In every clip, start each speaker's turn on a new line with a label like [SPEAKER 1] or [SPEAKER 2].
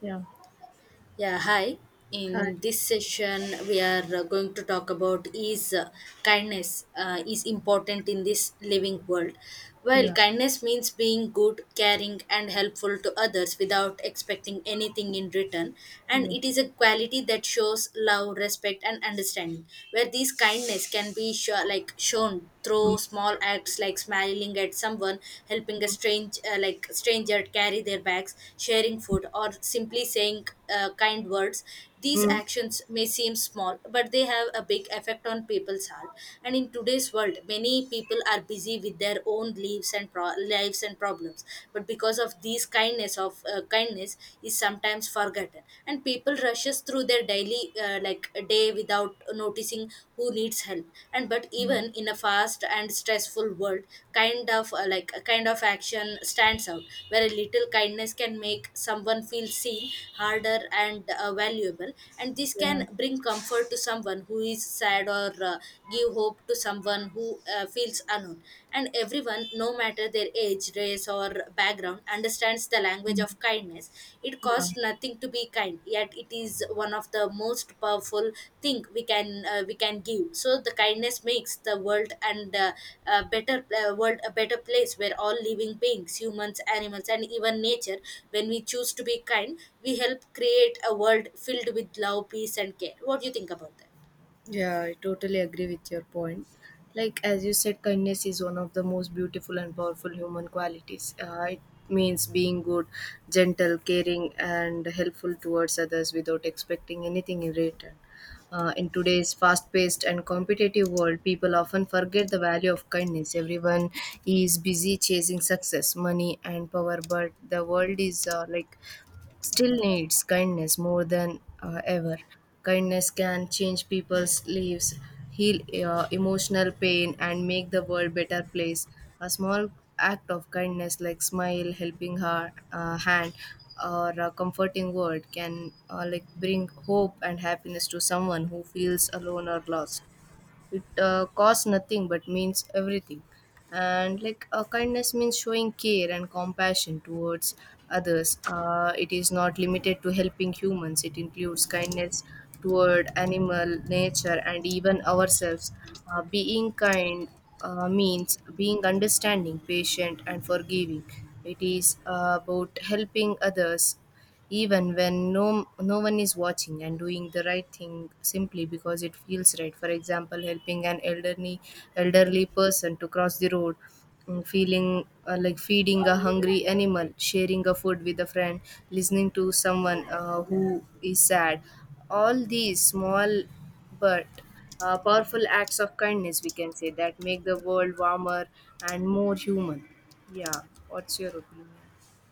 [SPEAKER 1] Yeah.
[SPEAKER 2] Yeah, hi.
[SPEAKER 1] Hi.
[SPEAKER 2] In this session, we are going to talk about is kindness is important in this living world. Well,
[SPEAKER 1] Yeah.
[SPEAKER 2] kindness means being good, caring, and helpful to others without expecting anything in return, and
[SPEAKER 1] Yeah.
[SPEAKER 2] it is a quality that shows love, respect, and understanding. Where this kindness can be shown through small acts like smiling at someone, helping a stranger carry their bags, sharing food, or simply saying kind words. These
[SPEAKER 1] Mm.
[SPEAKER 2] actions may seem small, but they have a big effect on people's heart. And in today's world, many people are busy with their own lives and lives and problems. But because of these kindness of kindness is sometimes forgotten, and people rushes through their daily daily like a day without noticing who needs help and but
[SPEAKER 1] Mm.
[SPEAKER 2] even in a fast and stressful world kind of like a kind of action stands out where a little kindness can make someone feel seen harder and valuable, and this
[SPEAKER 1] Yeah.
[SPEAKER 2] can bring comfort to someone who is sad or give hope to someone who feels alone, and everyone, no matter their age, race, or background, understands the language
[SPEAKER 1] Mm.
[SPEAKER 2] of kindness. It
[SPEAKER 1] Yeah.
[SPEAKER 2] costs nothing to be kind, yet it is one of the most powerful thing we can give. So the kindness makes the world and a better world, a better place where all living beings, humans, animals, and even nature, when we choose to be kind, we help create a world filled with love, peace, and care. What do you think about that?
[SPEAKER 1] Yeah, I totally agree with your point. Like as you said, kindness is one of the most beautiful and powerful human qualities. It means being good, gentle, caring, and helpful towards others without expecting anything in return. In today's fast paced and competitive world, people often forget the value of kindness. Everyone is busy chasing success, money, and power, but the world is like still needs kindness more than ever. Kindness can change people's lives, heal emotional pain, and make the world better place. A small act of kindness, like smile, helping her hand, or a comforting word, can like bring hope and happiness to someone who feels alone or lost. It costs nothing but means everything. And like kindness means showing care and compassion towards others. It is not limited to helping humans. It includes kindness toward animal nature and even ourselves. Being kind means being understanding patient and forgiving. It is about helping others even when no one is watching and doing the right thing simply because it feels right. For example, helping an elderly person to cross the road, mm, feeling like feeding a hungry animal, sharing a food with a friend, listening to someone who is sad. All these small but powerful acts of kindness, we can say, that make the world warmer and more human. Yeah. What's your opinion?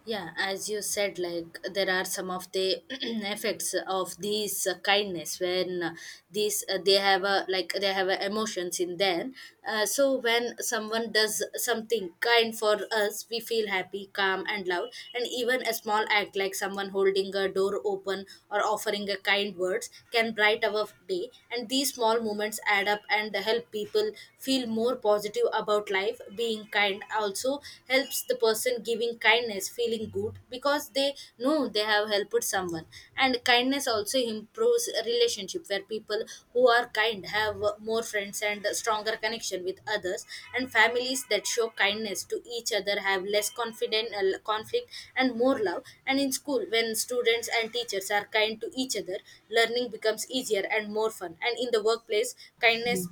[SPEAKER 2] Yeah, as you said, like there are some of the effects of these kindness when these they have a like they have a emotions in them. So when someone does something kind for us, we feel happy, calm, and loud, and even a small act like someone holding a door open or offering a kind words can bright our day, and these small moments add up and help people feel more positive about life. Being kind also helps the person giving kindness feeling good because they know they have helped someone, and kindness also improves relationship where people who are kind have more friends and stronger connection with others, and families that show kindness to each other have less confident conflict and more love. And in school, when students and teachers are kind to each other, learning becomes easier and more fun. And in the workplace, kindness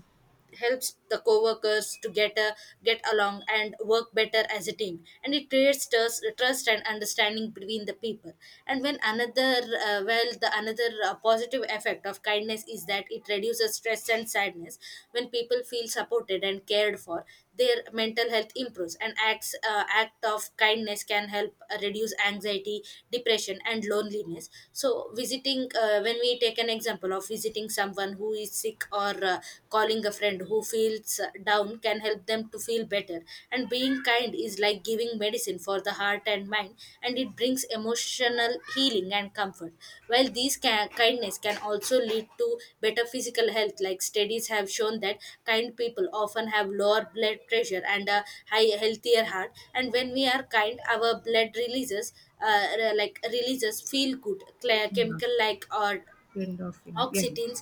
[SPEAKER 2] helps the co-workers to get along and work better as a team, and it creates trust and understanding between the people. And when another well the another positive effect of kindness is that it reduces stress and sadness. When people feel supported and cared for, their mental health improves, and act of kindness can help reduce anxiety, depression, and loneliness. So visiting when we take an example of visiting someone who is sick or calling a friend who feels down can help them to feel better, and being kind is like giving medicine for the heart and mind time, and it brings emotional healing and comfort. While these kindness can also lead to better physical health, like studies have shown that kind people often have lower blood pressure and a high healthier heart. And when we are kind, our blood releases releases feel good
[SPEAKER 1] Yeah.
[SPEAKER 2] chemical like or
[SPEAKER 1] end of Yeah.
[SPEAKER 2] oxytocin,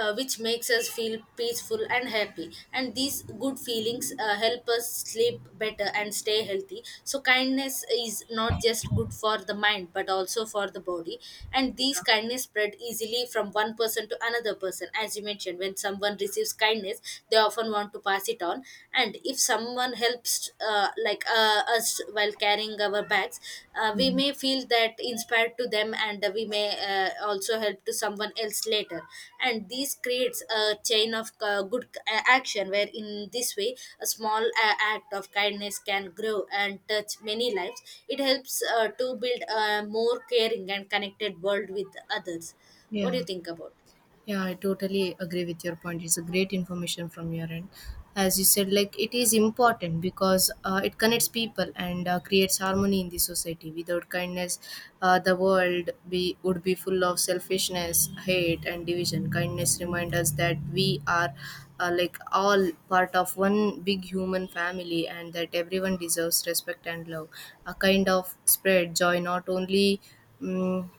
[SPEAKER 2] which makes us feel peaceful and happy, and these good feelings help us sleep better and stay healthy. So kindness is not just good for the mind but also for the body, and these kindness spread easily from one person to another person. As you mentioned, when someone receives kindness, they often want to pass it on. And if someone helps us while carrying our bags, we may feel that inspired to them, and we may also help to someone else later, and this creates a chain of good action. Where in this way, a small act of kindness can grow and touch many lives. It helps to build a more caring and connected world with others. What
[SPEAKER 1] Yeah,
[SPEAKER 2] do you think about it?
[SPEAKER 1] yeah, I totally agree with your point. It's a great information from your end. As you said, like it is important because it connects people and creates harmony in the society. Without kindness, the world be would be full of selfishness, hate, and division. Kindness reminds us that we are like all part of one big human family and that everyone deserves respect and love. A kind of spread joy, not only. Mm,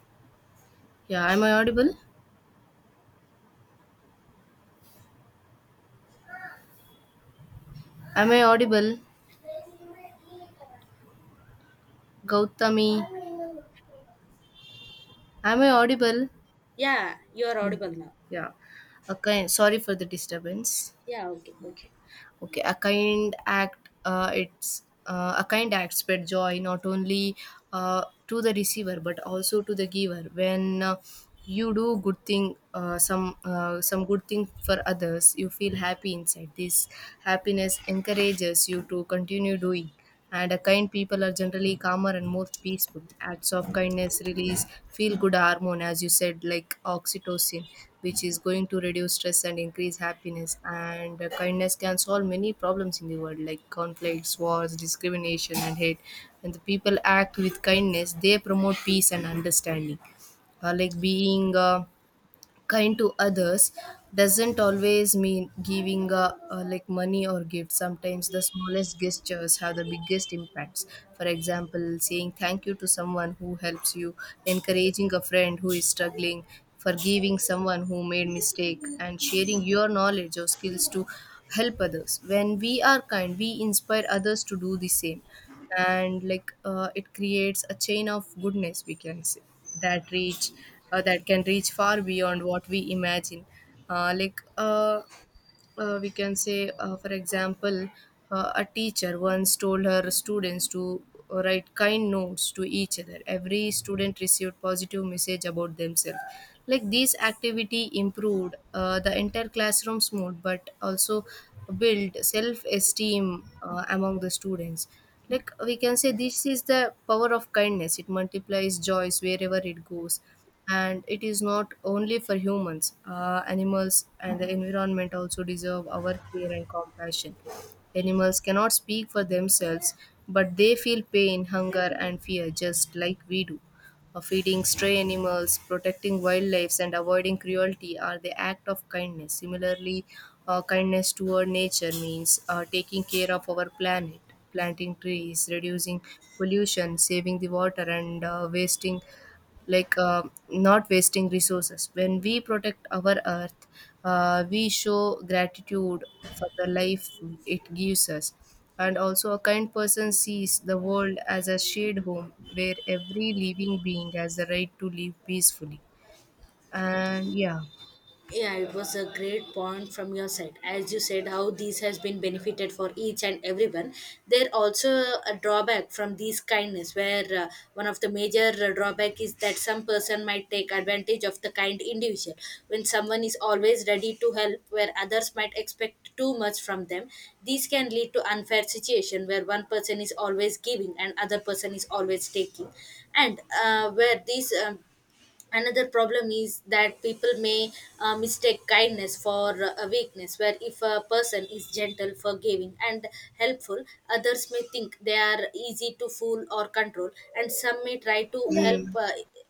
[SPEAKER 1] yeah, am I audible? Am I audible? Gautami, am I audible?
[SPEAKER 2] Yeah, you are audible now.
[SPEAKER 1] Yeah. A kind, sorry for the disturbance.
[SPEAKER 2] Yeah, okay, okay.
[SPEAKER 1] Okay, a kind act. It's A kind act spread joy, not only to the receiver but also to the giver. When you do good thing, some good thing for others, you feel happy inside. This happiness encourages you to continue doing. And kind people are generally calmer and more peaceful. Acts of kindness release feel good hormone, as you said, like oxytocin, which is going to reduce stress and increase happiness. And kindness can solve many problems in the world, like conflicts, wars, discrimination, and hate. When the people act with kindness, they promote peace and understanding. Being kind to others doesn't always mean giving a, like money or gifts. Sometimes the smallest gestures have the biggest impacts. For example, saying thank you to someone who helps you, encouraging a friend who is struggling, forgiving someone who made mistake, and sharing your knowledge or skills to help others. When we are kind, we inspire others to do the same. And it creates a chain of goodness, we can say, that reach that can reach far beyond what we imagine. uh, like uh, we can say, for example, a teacher once told her students to write kind notes to each other. Every student received positive message about themselves. Like this activity improved the entire classroom's mood, but also built self-esteem among the students. Like we can say, this is the power of kindness. It multiplies joys wherever it goes. And it is not only for humans. Animals and the environment also deserve our care and compassion. Animals cannot speak for themselves, but they feel pain, hunger, and fear just like we do. Feeding stray animals, protecting wildlife, and avoiding cruelty are the act of kindness. Similarly, kindness toward nature means taking care of our planet, planting trees, reducing pollution, saving the water, and wasting like not wasting resources. When we protect our earth, we show gratitude for the life it gives us. And also, a kind person sees the world as a shared home where every living being has the right to live peacefully. And yeah.
[SPEAKER 2] Yeah, it was a great point from your side. As you said, how this has been benefited for each and everyone. There also a drawback from these kindness, where one of the major drawback is that some person might take advantage of the kind individual. When someone is always ready to help, where others might expect too much from them, these can lead to unfair situation where one person is always giving and other person is always taking, and where these another problem is that people may mistake kindness for a weakness, where if a person is gentle, forgiving, and helpful, others may think they are easy to fool or control, and some may try to help
[SPEAKER 1] Mm.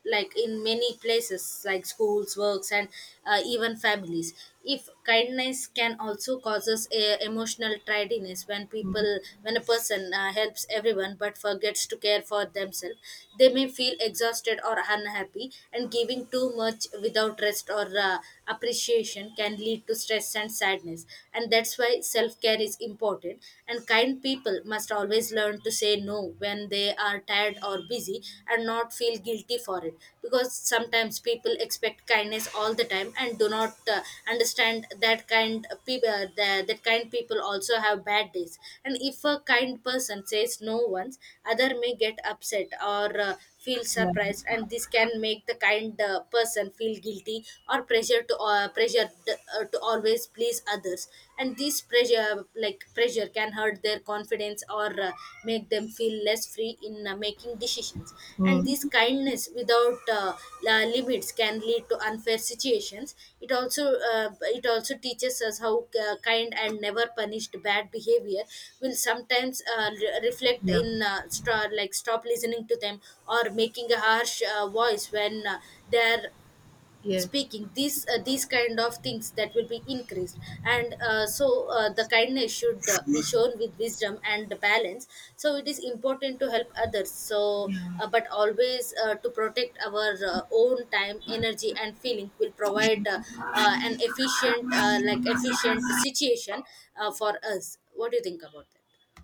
[SPEAKER 2] like in many places like schools, works, and even families. If kindness can also causes a emotional tidiness, when people when a person helps everyone but forgets to care for themselves, they may feel exhausted or unhappy, and giving too much without rest or appreciation can lead to stress and sadness. And that's why self-care is important, and kind people must always learn to say no when they are tired or busy, and not feel guilty for it, because sometimes people expect kindness all the time and do not understand that kind people that, that kind people also have bad days. And if a kind person says no once, other may get upset or feel
[SPEAKER 1] Yeah.
[SPEAKER 2] surprised, and this can make the kind person feel guilty or pressure to pressure to always please others, and this pressure can hurt their confidence or make them feel less free in making decisions. And this
[SPEAKER 1] Mm.
[SPEAKER 2] kindness without limits can lead to unfair situations. It also teaches us how kind and never punished bad behavior will sometimes reflect
[SPEAKER 1] Yeah.
[SPEAKER 2] in stop listening to them or making a harsh voice when they are
[SPEAKER 1] Yes.
[SPEAKER 2] speaking. These these kind of things that will be increased. And so The kindness should be shown with wisdom and the balance. So it is important to help others, but always to protect our own time, energy, and feeling will provide an efficient situation for us. What do you think about that?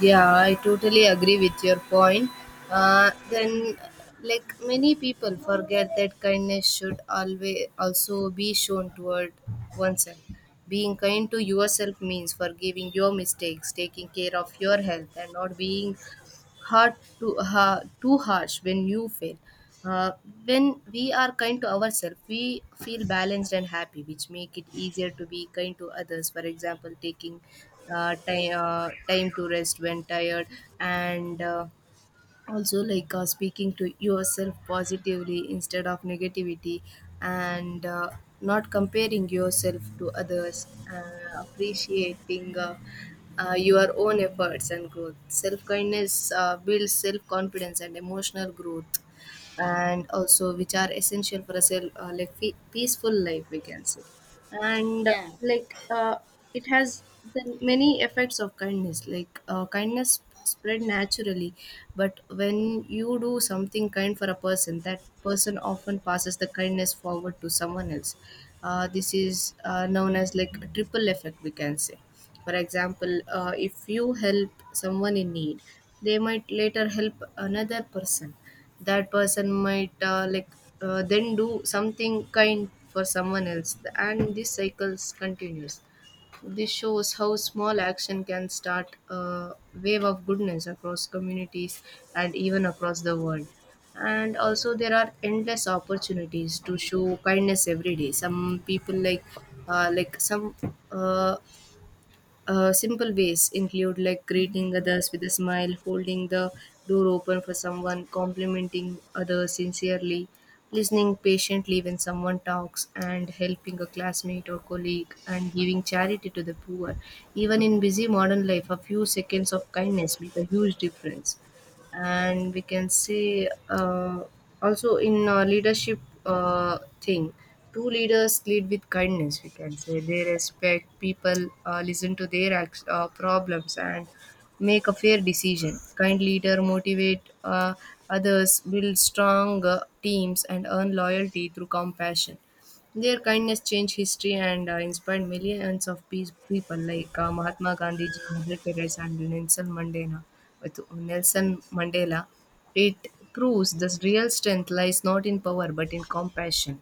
[SPEAKER 1] Yeah, I totally agree with your point. Then, like many people forget that kindness should always also be shown toward oneself. Being kind to yourself means forgiving your mistakes, taking care of your health, and not being hard to ha too harsh when you fail. Uh, when we are kind to ourselves, we feel balanced and happy, which make it easier to be kind to others. For example, taking time to rest when tired, and also speaking to yourself positively instead of negativity, and not comparing yourself to others, appreciating your own efforts and growth. Self kindness builds self confidence and emotional growth, and also which are essential for a peaceful life, we can say. And
[SPEAKER 2] Yeah.
[SPEAKER 1] like It has the many effects of kindness. Kindness spread naturally, but when you do something kind for a person, that person often passes the kindness forward to someone else. This is known as like a triple effect, we can say. For example, if you help someone in need, they might later help another person. That person might then do something kind for someone else, and this cycles continues. This shows how small action can start a wave of goodness across communities and even across the world. And also there are endless opportunities to show kindness every day. Some people like some uh, Simple ways include like greeting others with a smile, holding the door open for someone, complimenting others sincerely, listening patiently when someone talks, and helping a classmate or colleague, and giving charity to the poor. Even in busy modern life, a few seconds of kindness make a huge difference. And we can say, also in leadership thing true leaders lead with kindness, we can say. They respect people, listen to their acts, problems, and make a fair decision. Kind leader motivate others, build strong teams, and earn loyalty through compassion. Their kindness changed history and inspired millions of peace people like Mahatma Gandhi, Mother Teresa, and Nelson Mandela. With Nelson Mandela, it proves the real strength lies not in power but in compassion.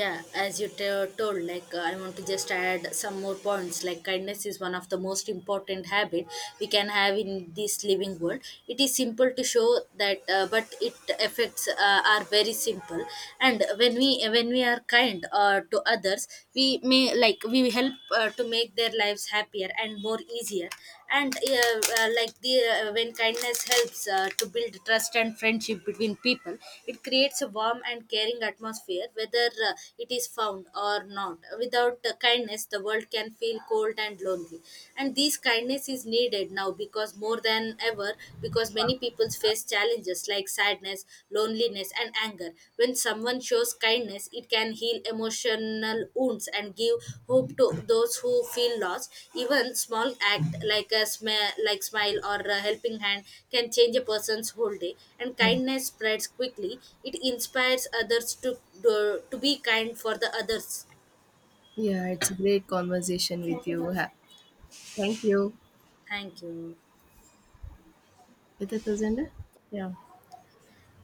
[SPEAKER 2] Yeah, as you told, like I want to just add some more points, like kindness is one of the most important habit we can have in this living world. It is simple to show that but it effects are very simple. And when we are kind to others, we may like we help to make their lives happier and more easier. And like the when kindness helps to build trust and friendship between people, it creates a warm and caring atmosphere whether it is found or not. Without kindness, the world can feel cold and lonely. And this kindness is needed now because more than ever, because many people face challenges like sadness, loneliness, and anger. When someone shows kindness, it can heal emotional wounds and give hope to those who feel lost. Even small act like a smile or a helping hand can change a person's whole day. And
[SPEAKER 1] Yeah.
[SPEAKER 2] kindness spreads quickly. It inspires others to be kind for the others.
[SPEAKER 1] Yeah, it's a great conversation with you. Ha- Thank you.
[SPEAKER 2] Thank you.
[SPEAKER 1] Is it Azenda?